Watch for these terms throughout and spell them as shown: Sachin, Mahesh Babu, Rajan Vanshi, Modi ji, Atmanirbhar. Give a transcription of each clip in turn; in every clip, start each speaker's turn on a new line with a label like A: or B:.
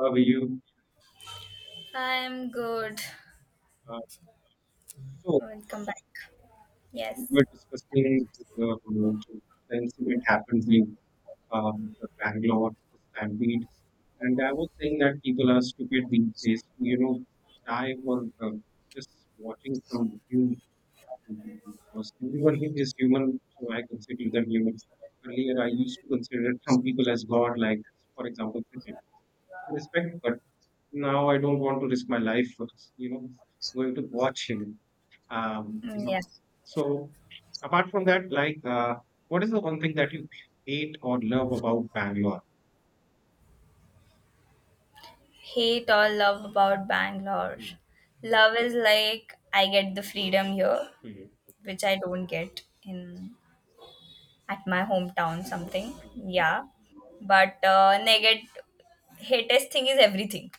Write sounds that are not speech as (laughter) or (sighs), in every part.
A: We you
B: I'm good.
A: uh, so
B: Welcome back.
A: we
B: Yes.
A: were discussing about the incident happened with the Bangalore the stampede, and I was saying that people are stupid these days. You know, die for uh, just watching some human, because everyone here is human, so I consider them human. Earlier, I used to consider some people as God, like for example, Sachin. I respect, but now I don't want to risk my life for this, going to watch him. Um, you
B: Mm,
A: know,
B: yes.
A: so apart from that, like, what is the one thing that you hate or love about Bangalore?
B: Hate or love about Bangalore.
A: Hmm,
B: Love is like I get the freedom here,
A: hmm,
B: which I don't get in at my hometown
A: hmm, hmm,
B: something.
A: hmm.
B: Yeah. But negative hatest thing is everything.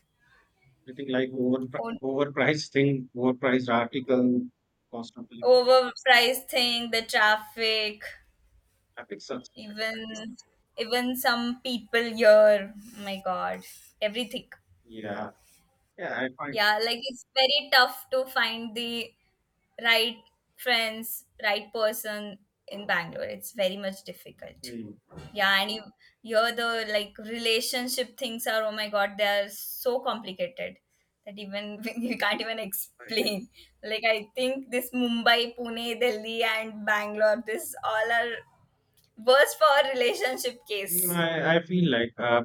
A: Anything like
B: O-
A: overpriced thing, overpriced article, cost of living,
B: Overpriced thing, the traffic,
A: epic such at Bangalore.
B: even even some people here. Oh my god. Everything.
A: Yeah, yeah, I find,
B: Yeah, like it's very tough to find the right friends, right person in Bangalore. It's very much difficult.
A: hmm,
B: Yeah, and you, here the like relationship things are oh my god, they are so complicated that even (laughs) you can't even
A: like,
B: explain. Like I think this Mumbai, Pune, Delhi, and Bangalore, this all are worse for a relationship
A: you know,
B: case.
A: I feel like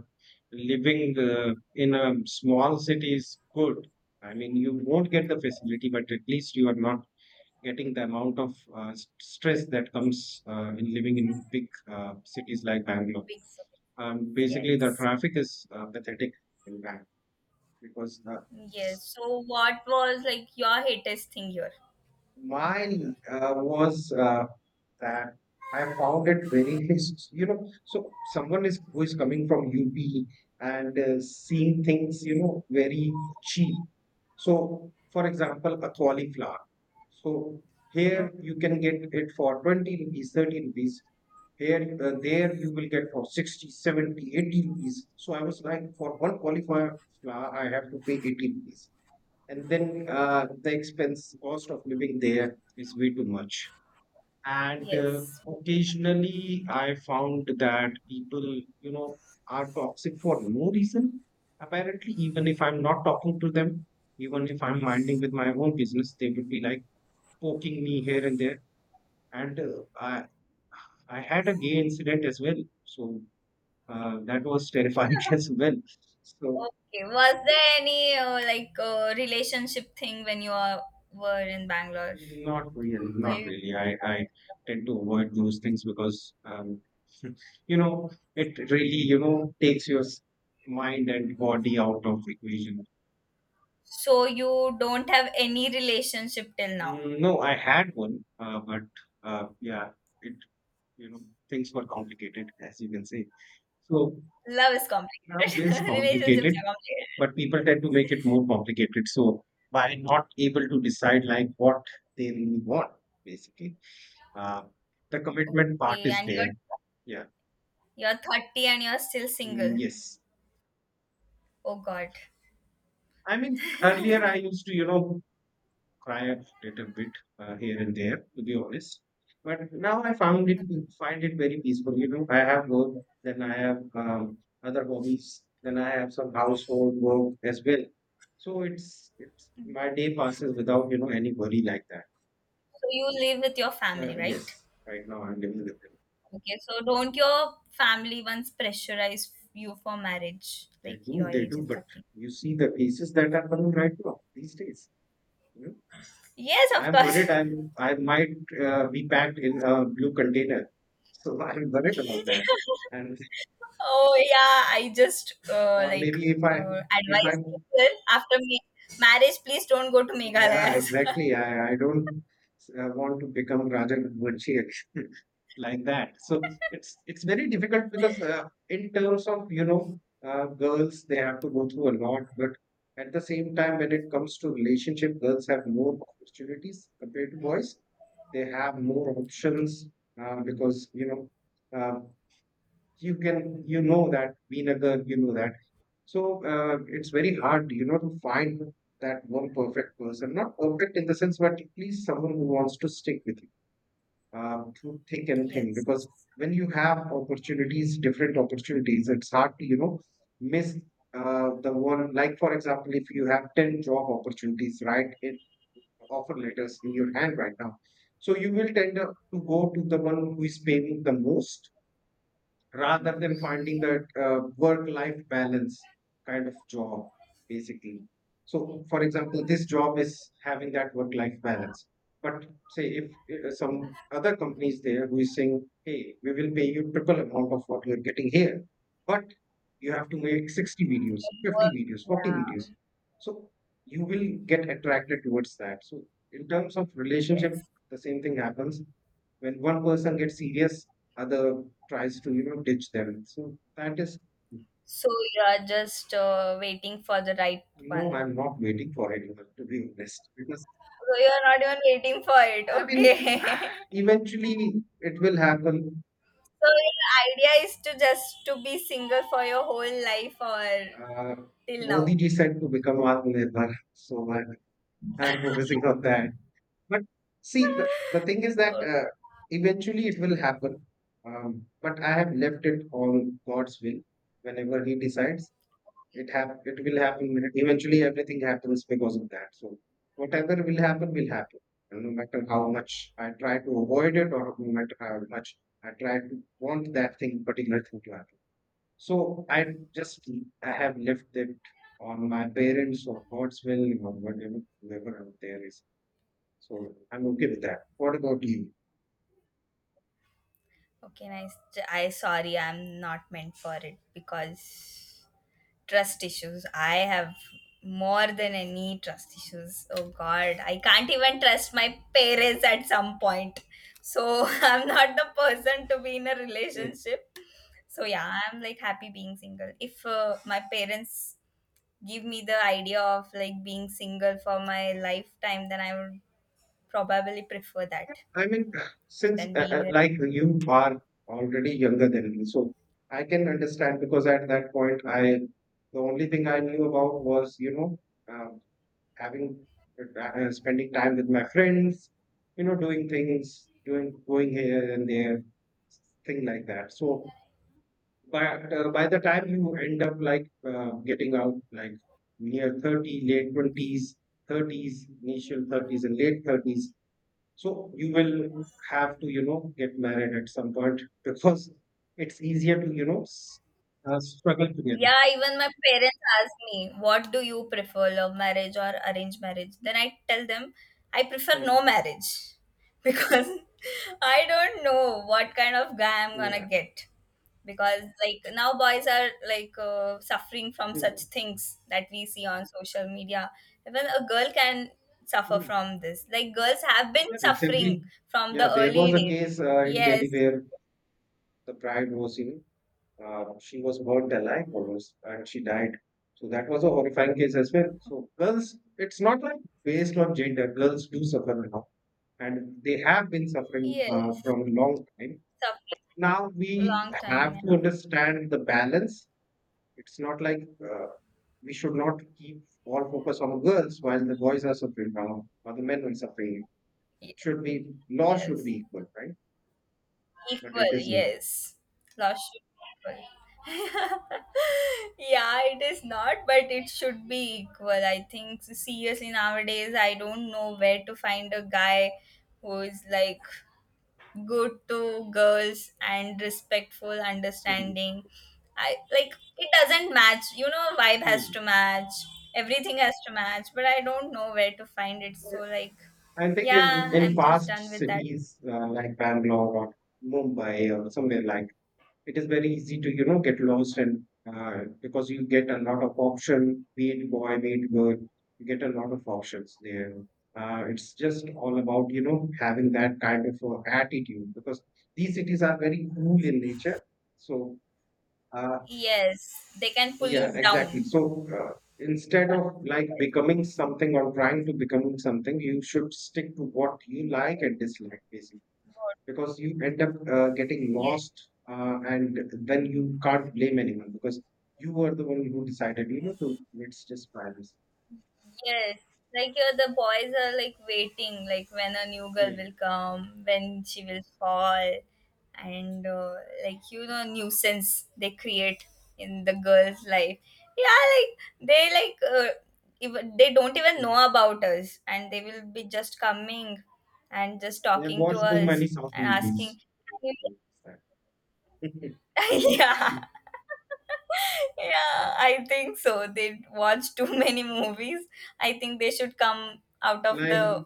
A: living in a small city is good. I mean, you won't get the facility, but at least you are not getting the amount of stress that comes in living in big cities like Bangalore.
B: Big
A: Basically, the
B: Yes.
A: traffic is pathetic in Bangalore because s-
B: Yes. So what was like your hatest thing here in
A: mine
B: Bangalore?
A: was that I found it very, (laughs) you know, so someone is who is coming from UP and seeing things, you know, very cheap. So, for example, a cauliflower. So
B: Oh,
A: here you can get it for 20 rupees, 30 rupees. Here, there you will get for 60, 70, 80 rupees. So I was like, for one qualifier flower, I have to pay 80 rupees. And then the expense, cost of living there is way too much. And
B: yes.
A: occasionally I found that people, you know, are toxic for no reason. Apparently, even if I'm not talking to them, even if I'm minding with my own business, they would be like, poking me here and there. And I had a gay incident as well. So that was terrifying (laughs)
B: (laughs)
A: as well. So
B: Okay. Was there any like relationship thing when you were in Bangalore?
A: not really,
B: Were
A: not
B: you
A: really. I
B: (laughs)
A: tend to avoid those things because, you know, it really, you know, takes your mind and body out of equation.
B: So you don't have any relationship till now.
A: Mm, no, I had one, but yeah, it, you know, things were complicated, as you can say. So
B: Love is
A: love
B: complicated.
A: is
B: (laughs) Relationships
A: complicated,
B: are complicated.
A: but people tend to make it more complicated. So by not able to decide like what they really want, basically, uh, the commitment part
B: Okay,
A: is
B: and
A: there.
B: you're
A: Yeah.
B: you're 30 and you're still
A: Mm,
B: single.
A: yes.
B: Oh God.
A: I mean, earlier I used to, you know, cry a little bit here and there, to be honest. But now I found it
B: So
A: find it very peaceful. You know, I have work, then I have other hobbies, then I have some household work as well. So it's my day passes without you know any worry like that.
B: you live with your family, right?
A: Yes, right now I'm living with them.
B: Okay, so don't your family once pressurize you for marriage? Like your
A: They
B: age
A: do,
B: is
A: but
B: 30.
A: you see the cases that are coming right now these days. You know,
B: Yes, of
A: I'm
B: course.
A: worried.
B: (laughs)
A: I might be packed in a blue container, so (laughs) I'm worried about that. And
B: Oh yeah, I just
A: or
B: like
A: maybe if I
B: advise people after me marriage, please don't go to
A: yeah,
B: Meghalayas.
A: exactly, I don't want to become Rajan Vanshi like that, so it's very difficult because in terms of you know girls, they have to go through a lot, but at the same time when it comes to relationship, girls have more opportunities compared to boys. They have more options, because you know uh, you can, you know that being a girl you know that. So it's very hard, you know, to find that one perfect person, not perfect in the sense but at least someone who wants to stick with you through thick
B: (laughs)
A: and thin,
B: Yes.
A: because when you have opportunities, different opportunities, it's hard to, you know, miss the one, like for example, if you have 10 job opportunities, right, in offer letters in your hand right now, so you will tend to go to the one who is paying the most, rather than
B: Most-
A: finding that work life balance kind of job, basically. So for example, this job is having that work life balance, but say if some other companies there who is saying, hey, we will pay you triple amount of what you're getting here, but you have to make 60 videos, 50
B: Homework,
A: videos, 40 videos.
B: yeah.
A: So you will get attracted towards that. So in terms of relationship,
B: Yes.
A: the same thing happens when one person gets serious, other tries to you know ditch them. So that is,
B: So you are just waiting for the right
A: no,
B: one.
A: I'm not waiting for anyone to be honest, because
B: So you are not even waiting for it.
A: I mean,
B: Okay.
A: (sighs)
B: (laughs)
A: eventually it will happen.
B: So your idea is to just to be single for your whole life or
A: Uh,
B: till
A: Modi
B: now.
A: ji said to become Atmanirbhar, so I'm focusing on that. But see, the thing is
B: (laughs)
A: that
B: Okay.
A: eventually it will happen. But I have left it on God's will whenever He decides. It will happen. Eventually everything happens because of that, so whatever will happen will happen, and no matter how much I try to avoid it or no matter how much I try to want that thing, particular thing, to happen, so i just I have left it on my parents or God's will or whatever whoever out there is. So I'm okay with that. What about you?
B: Okay, nice. I sorry, I'm not meant for it because trust issues. I have more than any trust issues. Oh God, I can't even trust my parents at some point. So (laughs) I'm not the person to be in a relationship. So yeah, I'm like happy being single. If my parents give me the idea of like being single for my lifetime, then I would probably prefer that
A: I mean, since
B: than being in a.
A: like you are already younger than me, so I can understand because at that point, I the only thing I knew about was, you know, uh, having spending time with my friends, you know, doing things, doing going here and there, thing like that. So, but by the time you end up like getting out, like near 30, late 20s, 30s, initial 30s, and late 30s, so you will have to, you know, get married at some point (laughs) because it's easier to, you know, struggle together.
B: Yeah, even my parents ask me, what do you prefer, love marriage or arranged marriage? Then I tell them, I prefer
A: Mm,
B: no marriage (laughs) because I don't know what kind of guy I'm gonna
A: yeah.
B: get. Because, like, now boys are like suffering from such
A: Mm,
B: things that we see on social media. Even a girl can suffer
A: mm.
B: from this. Like, girls have been
A: Yeah,
B: suffering
A: recently,
B: from
A: yeah,
B: the
A: there
B: early
A: was a
B: days.
A: case in Delhi
B: Yes,
A: where the bride was, you know, she was burnt alive almost and she died. So that was a horrifying case as well. So girls, it's not like based on gender, girls do suffer now and they have been suffering
B: yes,
A: from a long time.
B: suffering
A: Now we
B: long time,
A: have to
B: yeah.
A: understand the balance. It's not like we should not keep all focus on girls while the boys are suffering now or the men are suffering.
B: Ye-
A: Should be law should
B: Yes.
A: be equal, right? But it
B: Equal,
A: is not.
B: yes. Love should be equal. (laughs) Yeah, it is not, but it should be equal. I think seriously nowadays I don't know where to find a guy who is like good to girls and respectful,
A: Hmm.
B: understanding. I like it doesn't match. Vibe has
A: Hmm.
B: to match. Everything has to match, but I don't know where to find it. So like,
A: I think in,
B: yeah,
A: in
B: I'm just
A: past
B: done with that.
A: cities like Bangalore or Mumbai or somewhere, like it is very easy to, you know, get lost, and because you get a lot of option, be it boy be it girl, you get a lot of options there. It's just all about, you know, having that kind of attitude, because these cities are very cool in nature, so uh,
B: Yes, they can pull
A: yeah,
B: you
A: exactly.
B: down.
A: So instead of like becoming something or trying to becoming something, you should stick to what you like and dislike, basically,
B: God.
A: because you end up getting
B: Yes,
A: lost and then you can't blame anyone, because you were the one who decided, you know, to let's just try this.
B: yes. Like the boys are like waiting, like when a new girl will
A: Mm,
B: come, when she will fall, and like nuisance they create in the girl's life. Yeah, like they like even they don't even know
A: mm.
B: about us, and they will be just coming and just
A: They have
B: talking to
A: watched too
B: us
A: many south
B: and
A: movies.
B: asking.
A: (laughs)
B: (laughs) Yeah, yeah, I think so they watch too (laughs) many movies. I think they should come out of
A: Like,
B: the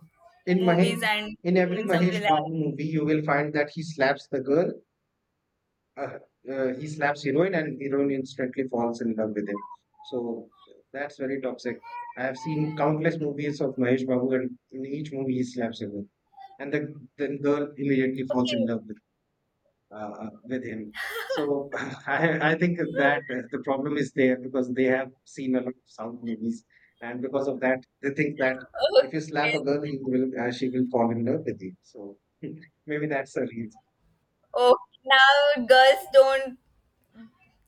A: in mahesh
B: movies and
A: in every
B: seen some
A: Mahesh Babu
B: relax.
A: movie you will find that he slaps the girl. Uh, uh, he slaps heroine and heroine instantly falls in love with him. So that's very toxic. I have seen countless movies of Mahesh Babu, and in each movie he slaps heroin, and the girl immediately falls in
B: Okay.
A: love with him.
B: (laughs)
A: So, (laughs) I think that
B: Okay.
A: the problem is there because they have seen a lot of South movies, and because of that they think that if you slap a girl, you will she will fall in love with you. So (laughs) maybe that's the reason.
B: Oh, now girls don't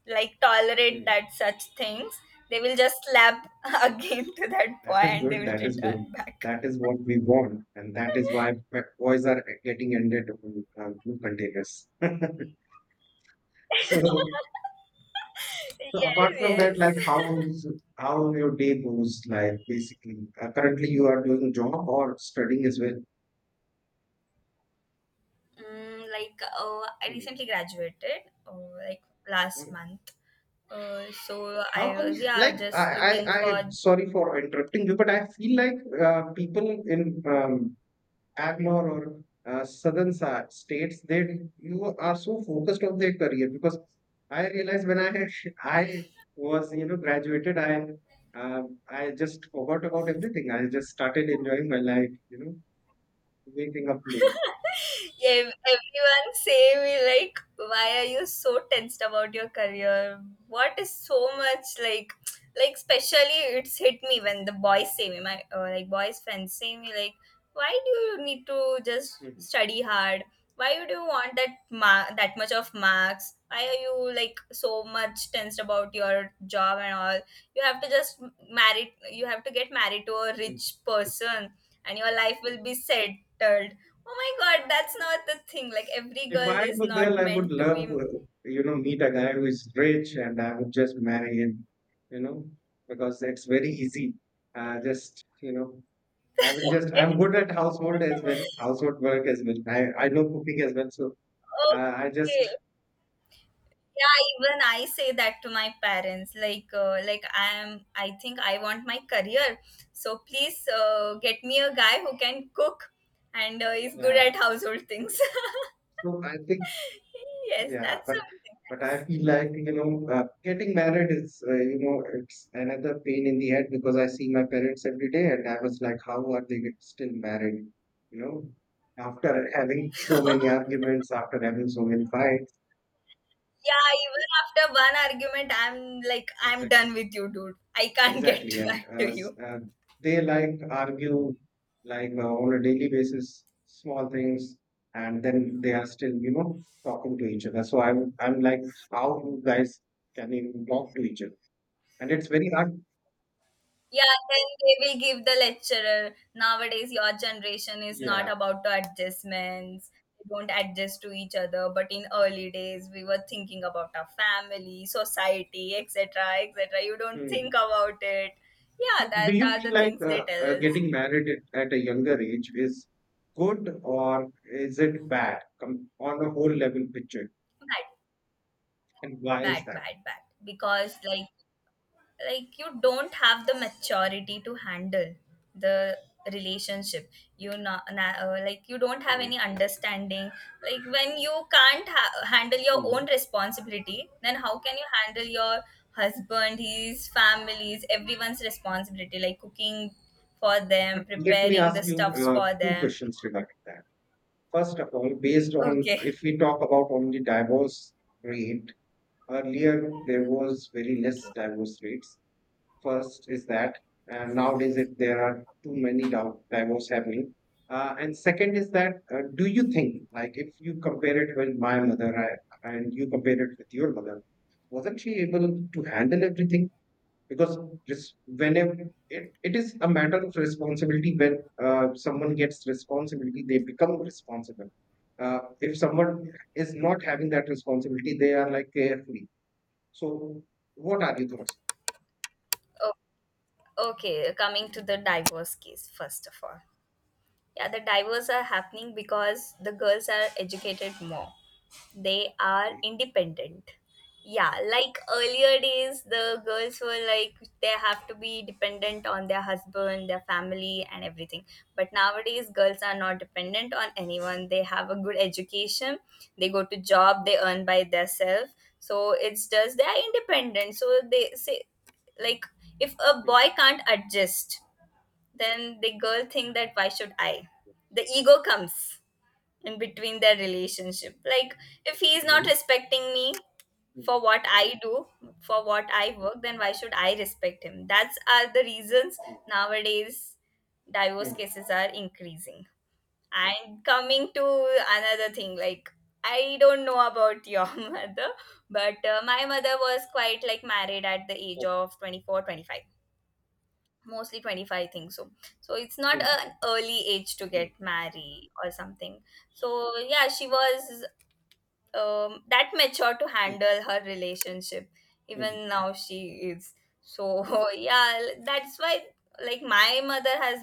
B: like tolerate
A: Hmm.
B: that such things. They will just slap (laughs) again to that
A: That
B: boy
A: is
B: and they
A: good.
B: will
A: That is good.
B: return back.
A: That is what we want, and that is why pet boys are getting ended on containers. (laughs)
B: (laughs)
A: So, so, apart
B: Yes,
A: from that,
B: yes.
A: like, how your day goes, like basically, currently you are doing job or studying as well?
B: Mm, like I
A: Mhm.
B: recently graduated, like last
A: Okay.
B: month. So
A: How
B: I
A: come?
B: was, yeah,
A: Like
B: just looking
A: I.
B: for.
A: Sorry for interrupting you, but I feel like people in um, Bangalore or southern states, they you are so focused on their career, because I realized when I was, you know, graduated, uh, I just forgot about everything. I just started enjoying my life, you know, waking up late.
B: Everyone say me like, why are you so tensed about your career? What is so much like, especially it's hit me when the boys say me, my like boys friends say me like, why do you need to just
A: Hmm.
B: study hard? Why do you want that much of marks? Why are you like so much tensed about your job and all? You have to just marry. You have to get married to a
A: Mm.
B: rich person, and your life will be settled. Oh my god, that's not the thing. Like every
A: If
B: girl
A: I'm
B: is
A: a
B: not
A: girl, I would
B: meant to be.
A: love,
B: Okay.
A: you know, meet a guy who is rich and I would just marry him, you know, because it's very easy. Just, you know, I'm good at household as well, household work as well. I know cooking as well. So I just,
B: Yeah, even I say that to my parents. Like I am. I think I want my career. So please get me a guy who can cook and is good
A: yeah.
B: at household things.
A: So I think.
B: (laughs) Yes,
A: Yeah,
B: that's something
A: but I
B: nice.
A: feel like getting married is you know it's another pain in the head because I see my parents every day, and I was like, how are they still married? You know, after having so many arguments, after having so many fights.
B: Yeah, even after one argument, I'm like, I'm
A: Exactly,
B: done with you, dude. I can't (laughs) get
A: exactly,
B: back to you.
A: they like argue like on a daily basis, small things, and then they are still you know talking to each other. So I'm like, how you guys can even talk to each other? And it's very hard.
B: Yeah, then they will give the lecturer. Nowadays, your generation is not
A: Yeah.
B: about to adjustments. We don't adjust to each other. But in early days, we were thinking about our family, society, etc., etc. You don't
A: Mm.
B: think about it. Yeah,
A: So,
B: that
A: do you
B: are
A: feel
B: the
A: like
B: things they tell us.
A: getting married at a younger age is good or is it bad on a whole level picture?
B: Bad,
A: And why
B: bad,
A: is that?
B: bad, bad. Because like you don't have the maturity to handle the relationship. You not na- Like you don't have
A: Mm.
B: any understanding. Like when you can't handle your
A: Mm.
B: own responsibility, then how can you handle your husband, his families, everyone's responsibility, like cooking for
A: But
B: them,
A: let me
B: preparing the
A: ask you
B: stuffs for
A: two
B: them.
A: questions regarding that. First of all, based on
B: Okay.
A: if we talk about only divorce rate, earlier there was very less divorce rates. First is that nowadays it, there are too many divorce happening. And second is that do you think like if you compare it with my mother I, and you compare it with your mother, wasn't she able to handle everything? Because just whenever it, it is a matter of responsibility when someone gets responsibility, they become responsible. If someone is not having that responsibility, they are like carefree. So, what are your thoughts?
B: Okay, coming to
A: Hmm.
B: the divorce case. First of all, yeah, the divorce are happening because the girls are educated more. They are
A: Okay.
B: independent. Yeah, like earlier days the girls were like they have to be dependent on their husband, their family, and everything. But nowadays girls are not dependent on anyone. They have a good education. They go to job. They earn by themselves. So it's just they are independent. So they say, like, if a
A: And
B: boy can't adjust, then the girl think that why should I. The ego comes in between their relationship. Like, if he is not respecting me for what I do, for what I work, then why should I respect him? That's are the reasons nowadays divorce cases are increasing. And coming to another thing, like I don't know about your (laughs) mother, but my mother was quite like married at the age of 24, 25, mostly 25 I think so it's not an early age to get married or something. So yeah, she was that mature to handle her relationship. Even now she is, so (laughs) yeah. That's why, like, my mother has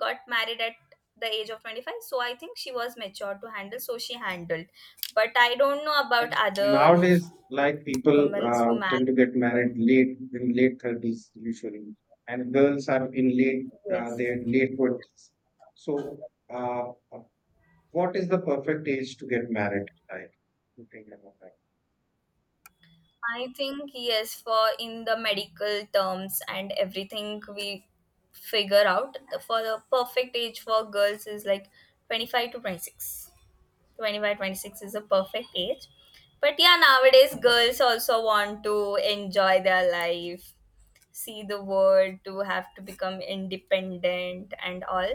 B: got married at the age of 25, so I think she was mature to handle, so she handled. But I don't know about other
A: nowadays, like people
B: women who married.
A: tend to get married late in late 30s usually, and girls are in late
B: Yes.
A: their late 20s. So, what is the perfect age to get married? Like, you think about that?
B: I think yes, for in the medical terms and everything we figure out, for the perfect age for girls is like 25 to 26. 25, 26 is a perfect age. But yeah, nowadays girls also want to enjoy their life, see the world, to have to become independent and all.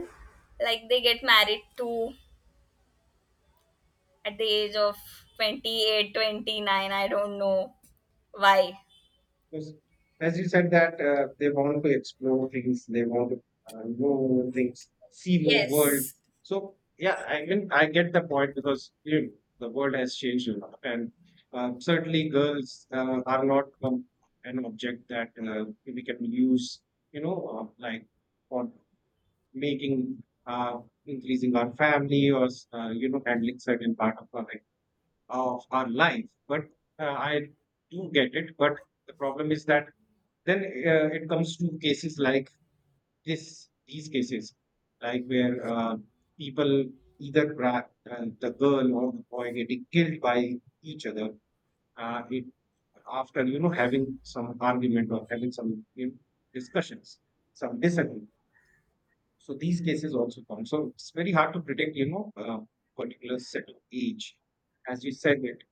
B: Like they get married to at the age of 28, 29. I don't know why.
A: Because as you said that they want to explore things, they want to know more things, see more world.
B: Yes.
A: So yeah, I mean I get the point because you know, the world has changed a lot, and certainly girls are not an object that we can use, you know, like for making increasing our family or you know handling certain part of our life. But I do get it, but the problem is that then it comes to cases like this, these cases, like where people either grab the girl or the boy getting killed by each other. It after you know having some argument or having some you know, discussions, some disagreement. So these cases also come. So it's very hard to predict, you know, particular set of age, as you said it.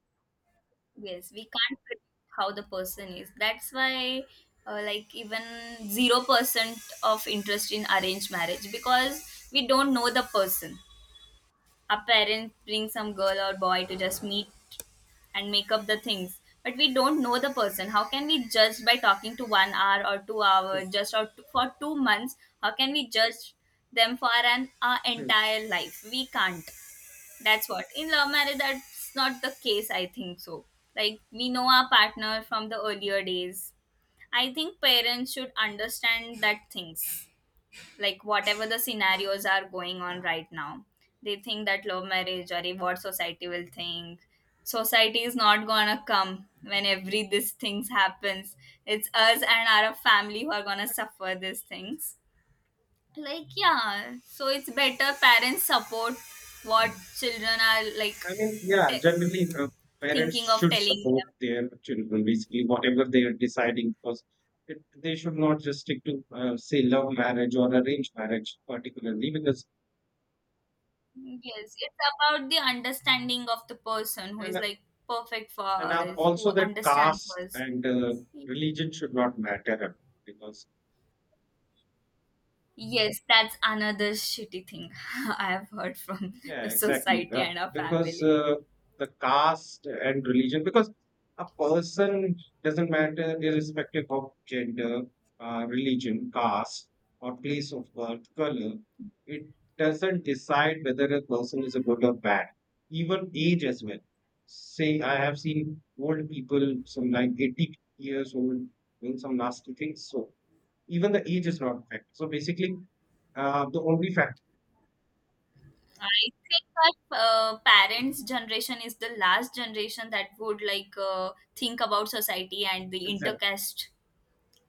B: Yes, we can't predict how the person is. That's why, like, even 0% of interest in arranged marriage because
A: Hmm,
B: we don't know the person. Our parents bring some girl or boy to just meet and make up the things. But we don't know the person. How can we judge by talking to 1 hour or two
A: hmm,
B: hours, just or for 2 months? How can we judge them for an our
A: hmm.
B: entire life? We can't. That's what in love marriage. That's not the case, I think so. Like we know our partner from the earlier days. I think parents should understand that things, like whatever the scenarios are going on right now. They think that love marriage or what society will think. Society is not gonna come when every these things happens. It's us and our family who are gonna suffer these things. Like, yeah, so it's better parents support what children are like
A: I mean, yeah,
B: te-
A: generally, parents
B: thinking of
A: should
B: telling
A: support their children, basically, whatever they are deciding, because it, they should not just stick to, say, love marriage or arranged marriage, particularly, because,
B: them. Yes, it's about the understanding of the person who is
A: and,
B: like perfect for
A: and
B: us,
A: also
B: who
A: that
B: understands
A: caste
B: us.
A: and religion should not matter, because.
B: Yes, that's another shitty thing (laughs) I have heard from the
A: Yeah, exactly.
B: society and our
A: Because
B: family.
A: the caste and religion, because a person doesn't matter irrespective of gender, religion, caste, or place of birth, color. It doesn't decide whether a person is a good or bad, even age as well. Say, I have seen old people, some like 80 years old, doing some nasty things. So even the age is not a factor. So basically, the only factor.
B: I think that parents' generation is the last generation that would like think about society and the
A: Exactly.
B: intercaste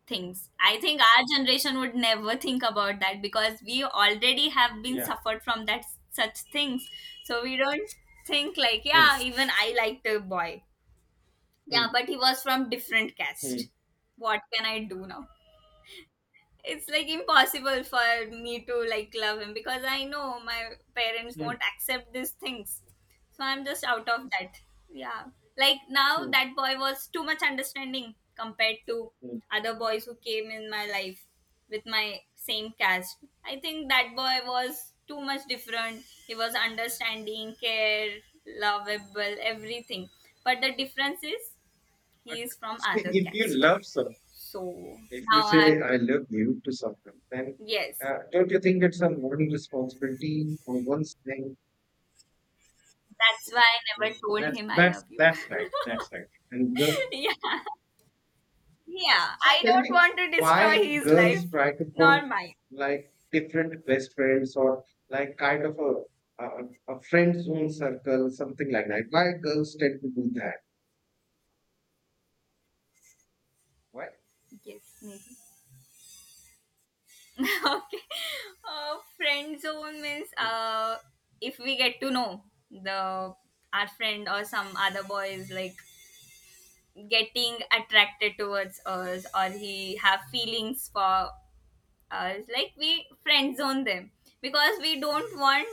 B: things. I think our generation would never think about that because we already have been
A: Yeah.
B: suffered from that such things. So we don't think like,
A: Mm,
B: yeah, even I liked a boy. Yeah,
A: mm.
B: but he was from different
A: Hmm,
B: caste. What can I do now? It's like impossible for me to like love him because I know my parents
A: hmm,
B: won't accept these things. So I'm just out of that. Yeah. Like now
A: hmm,
B: that boy was too much understanding compared to
A: hmm.
B: other boys who came in my life with my same caste. I think that boy was too much different. He was understanding, care, lovable, everything. But the difference is
A: But
B: he is from
A: see,
B: other
A: if you
B: caste.
A: love someone,
B: So
A: if you
B: now I have,
A: say "I love you" to someone, then
B: yes,
A: don't you think it's a moral responsibility on one's thing?
B: that's why I never
A: Well,
B: told
A: that's
B: him I
A: that's
B: love you.
A: that's right.
B: (laughs)
A: That's right. And the,
B: Yeah. Yeah.
A: so
B: I
A: tell
B: don't
A: me,
B: want to destroy
A: why
B: his
A: girls
B: life,
A: try to put
B: nor mine.
A: like different best friends or like kind of a a friend zone circle, something like that? Why girls tend to do that? Why?
B: Yes, maybe. (laughs) Okay. Friend zone means
A: Hmm.
B: if we get to know the our friend or some other boy is like getting attracted towards us or he have feelings for us, like we friend zone them because we don't want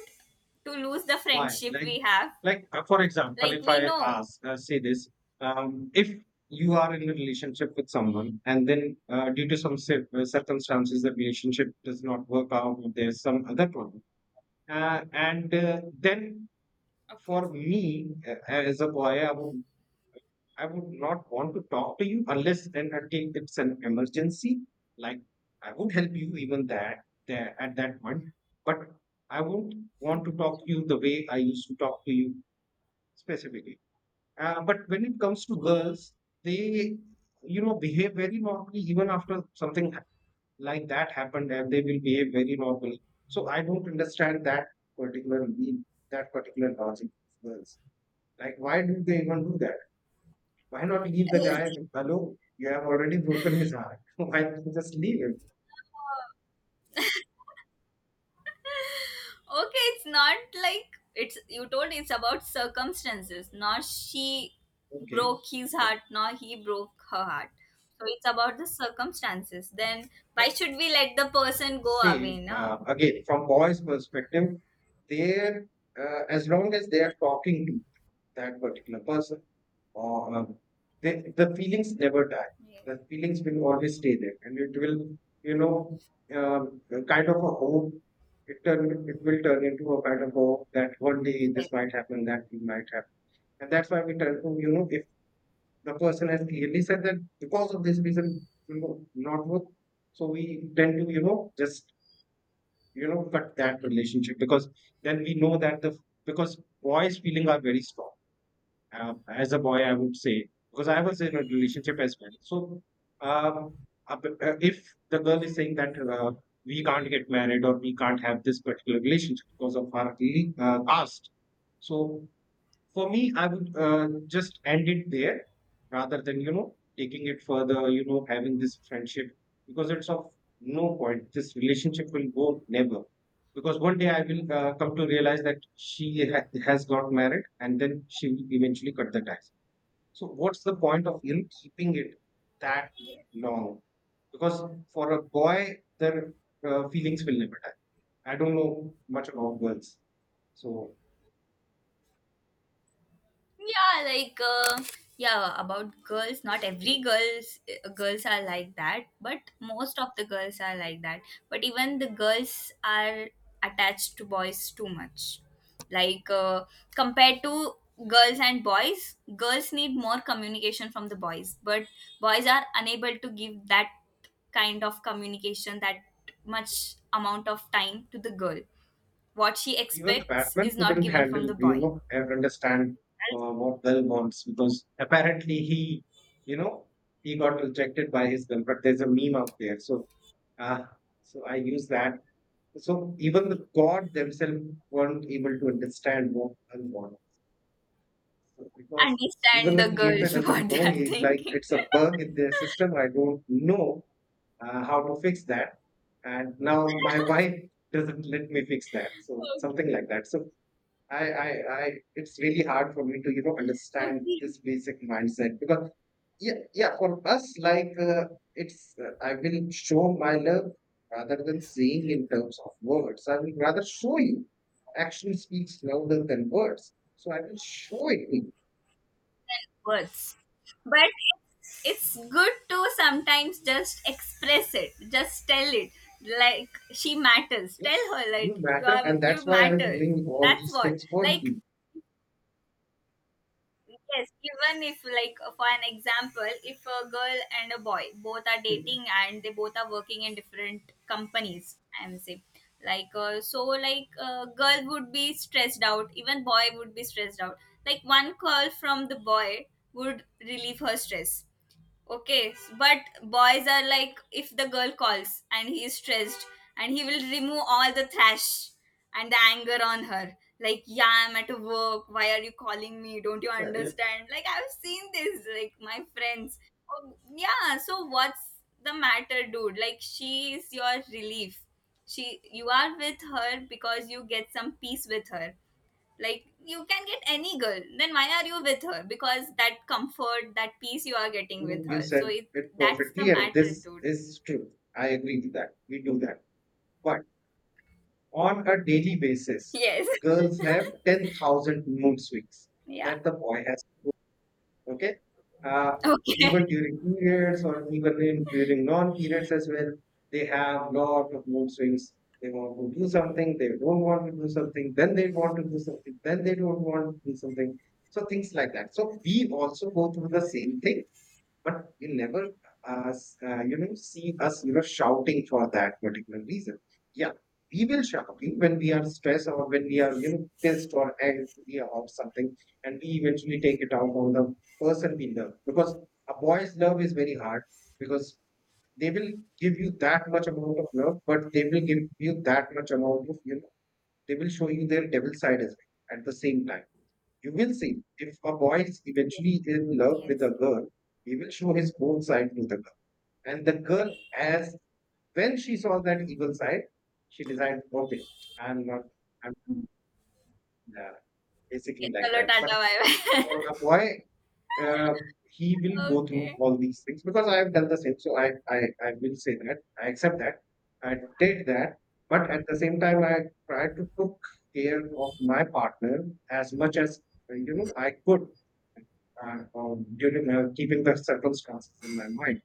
B: to lose the
A: Why?
B: friendship we have.
A: Like for example,
B: Like
A: if
B: we
A: I
B: know.
A: ask, say this, if you are in a relationship with someone, and then due to some circumstances, the relationship does not work out, or there's some other problem, and then
B: Okay.
A: for me as a boy, I would not want to talk to you unless and until it's an emergency. Like I would help you even that there at that point, but I won't want to
B: Okay.
A: talk to
B: (laughs)
A: you the way I used to talk to you specifically. But when it comes to girls, they, you know, behave very normally even after something like that happened, and they will behave very normally. So I don't understand that particular mean, that particular logic of girls. Like, why do they even do that? Why not leave the guy alone? You have already broken his heart. (laughs) Why don't you just leave him?
B: Okay, it's not like it's you told, it's about circumstances, not she
A: Okay,
B: broke his
A: okay.
B: heart, nor he broke her heart. So it's about the circumstances. Then
A: But
B: why should we let the person go
A: say
B: away now?
A: again, from boys' perspective, they're as long as they are talking to that particular person or they, the feelings never die.
B: Yes.
A: The feelings will always stay there and it will you know um, kind of a hope it turn it will turn into a kind of hope that one day
B: Yes.
A: this might happen, that thing might happen, and that's why we turn to you know if the person has clearly said that because of this reason you know not work. So we tend to you know just you know cut that relationship, because then we know that the because boys feeling are very strong. As a boy, I would say because I was in a relationship as well. So, um, if the girl is saying that we can't get married or we can't have this particular relationship because of our past, so for me, I would just end it there rather than, you know, taking it further, you know, having this friendship because it's of no point. This relationship will go never. Because one day I will come to realize that she has got married and then she will eventually cut the ties. So, what's the point of in keeping it that long? Because for a boy, their feelings will never die. I don't know much about girls. So,
B: Yeah, like yeah, about girls, not every
A: anyway.
B: girls, girls are like that, but most of the girls are like that. But even the girls are attached to boys too much. Like compared to girls and boys, girls need more communication from the boys, but boys are unable to give that kind of communication, that much amount of time to the girl. What she
A: Even the
B: expects is
A: Batman
B: not
A: couldn't
B: given from
A: handle,
B: the
A: you
B: boy.
A: know, and understand what Bell wants because apparently he, you know, he got rejected by his girl. But there's a meme out there, so uh, so I use that. So even
B: Okay,
A: the God themselves weren't able to understand what Bell wants. So because even
B: understand
A: the
B: the
A: creator
B: girls (laughs)
A: doesn't
B: what
A: know.
B: they're
A: He's like,
B: thinking.
A: it's a bug in their system. I don't know how to fix that, and now my wife doesn't let me fix that. So something like that. So I, I, it's really hard for me to, you know,
B: Okay.
A: understand
B: Okay.
A: this basic mindset because, yeah, yeah, for us, like, it's, I will show my love rather than saying in terms of words. I will rather show you. Action speaks louder than words. So I will show it to you.
B: Words. But it's, it's good to sometimes just express it. Just tell it. Like she matters.
A: Yeah,
B: Tell her
A: you
B: like
A: matter, and that's
B: you
A: why I'm
B: matter.
A: doing all
B: That's
A: these
B: what.
A: things for
B: Like.
A: you.
B: Yes, even if, like, for an example, if a girl and a boy both are
A: Yeah,
B: dating and they both are working in different companies, I'm saying, like, so, like, girl would be stressed out, even boy would be stressed out. Like, one call from the boy would relieve her stress. Okay, but boys are like if the girl calls and he is stressed and he will remove all the thrash and the anger on her. Like, yeah, I'm at work. Why are you calling me? Don't you
A: yeah.
B: understand? Like, I've seen this, like, my friends. Oh yeah, so what's the matter, dude? Like, she is your relief. She, you are with her because you get some peace with her. Like, you can get any girl, then why are you with her? Because that comfort, that peace you are getting with
A: You
B: her. So
A: said
B: it,
A: it
B: that's the
A: perfectly, and
B: matter,
A: this
B: dude.
A: is true. I agree with that. We do that. But on a daily basis,
B: Yes.
A: girls have 10,000 mood swings
B: (laughs) Yeah.
A: that the boy has to go through, okay? Uh,
B: Okay.
A: Even during periods or even in, during non-periods as well, they have lot of mood swings. They want to do something, they don't want to do something, then they want to do something, then they don't want to do something. So things like that. So we also go through the same thing but you never, you know, see us, you know, shouting for that particular reason. Yeah, we will shout okay? When we are stressed or when we are, you know, pissed or angry or something, and we eventually take it out on the person we love. Because a boy's love is very hard because they will give you that much amount of love, but they will give you that much amount of, you know, they will show you their devil side as well at the same time. You will see, if a boy is eventually in love with a
B: Yes.
A: girl, he will show his own side to the girl. And the girl, as when she saw that evil side, she decided, okay, I'm not, I'm yeah,
B: Okay.
A: basically like
B: Chalo
A: that.
B: tata
A: But
B: bye bye.
A: for a boy, uh, he
B: (laughs)
A: will go through
B: Okay.
A: all these things because I have done the same. So I will say that I accept that I did that. But at the same time, I tried to took care of my partner as much as you know I could. And during keeping the circumstances in my mind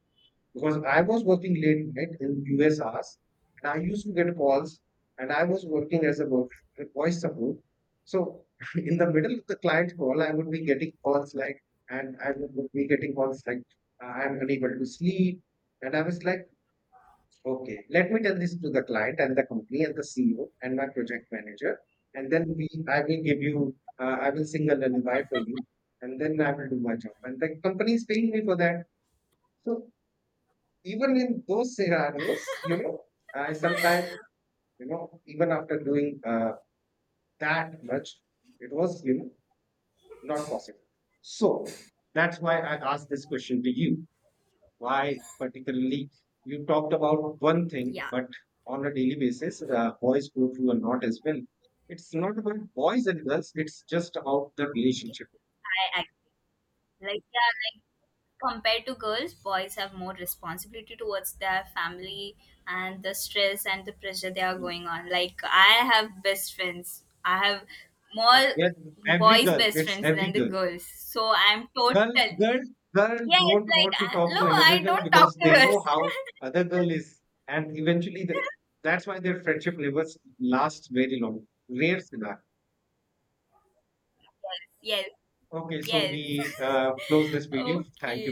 A: because I was working late night in US hours and I used to get calls and I was working as a voice support. So (laughs) in the middle of the client call, I would be getting calls like, and I would be getting calls like, I'm unable to sleep. And I was like, okay, let me tell this to the client and the company and the CEO and my project manager, and then we I will give you I will sing a lullaby for you, and then I will do my job, and the company is paying me for that. So even in those scenarios, you know, I sometimes
B: (laughs)
A: you know even after doing that much, it was you know not possible. So that's why I asked this question to you why particularly you talked about one thing,
B: Yeah,
A: but on a daily basis, boys go through a lot as well. It's not about boys and girls, it's just about the relationship.
B: I agree. Like, yeah, like compared to girls, boys have more responsibility towards their family, and the stress and the pressure they are
A: Mm.
B: going on. Like, I have best friends, I have more
A: Yes, every
B: boys
A: girl,
B: best
A: it's
B: friends
A: every
B: than the
A: girl.
B: girls, so I'm
A: Girl,
B: total.
A: girl, Girl
B: Yes,
A: don't
B: like
A: want to talk
B: no,
A: to another
B: I
A: girl
B: don't talk
A: because
B: to
A: they
B: girls.
A: know how other girl is, and eventually the, that's why their friendship never lasts very long. Rare scenario.
B: (laughs) Yes,
A: Okay, so
B: yes,
A: we close this
B: yes. (laughs)
A: video. Thank you.
B: Okay.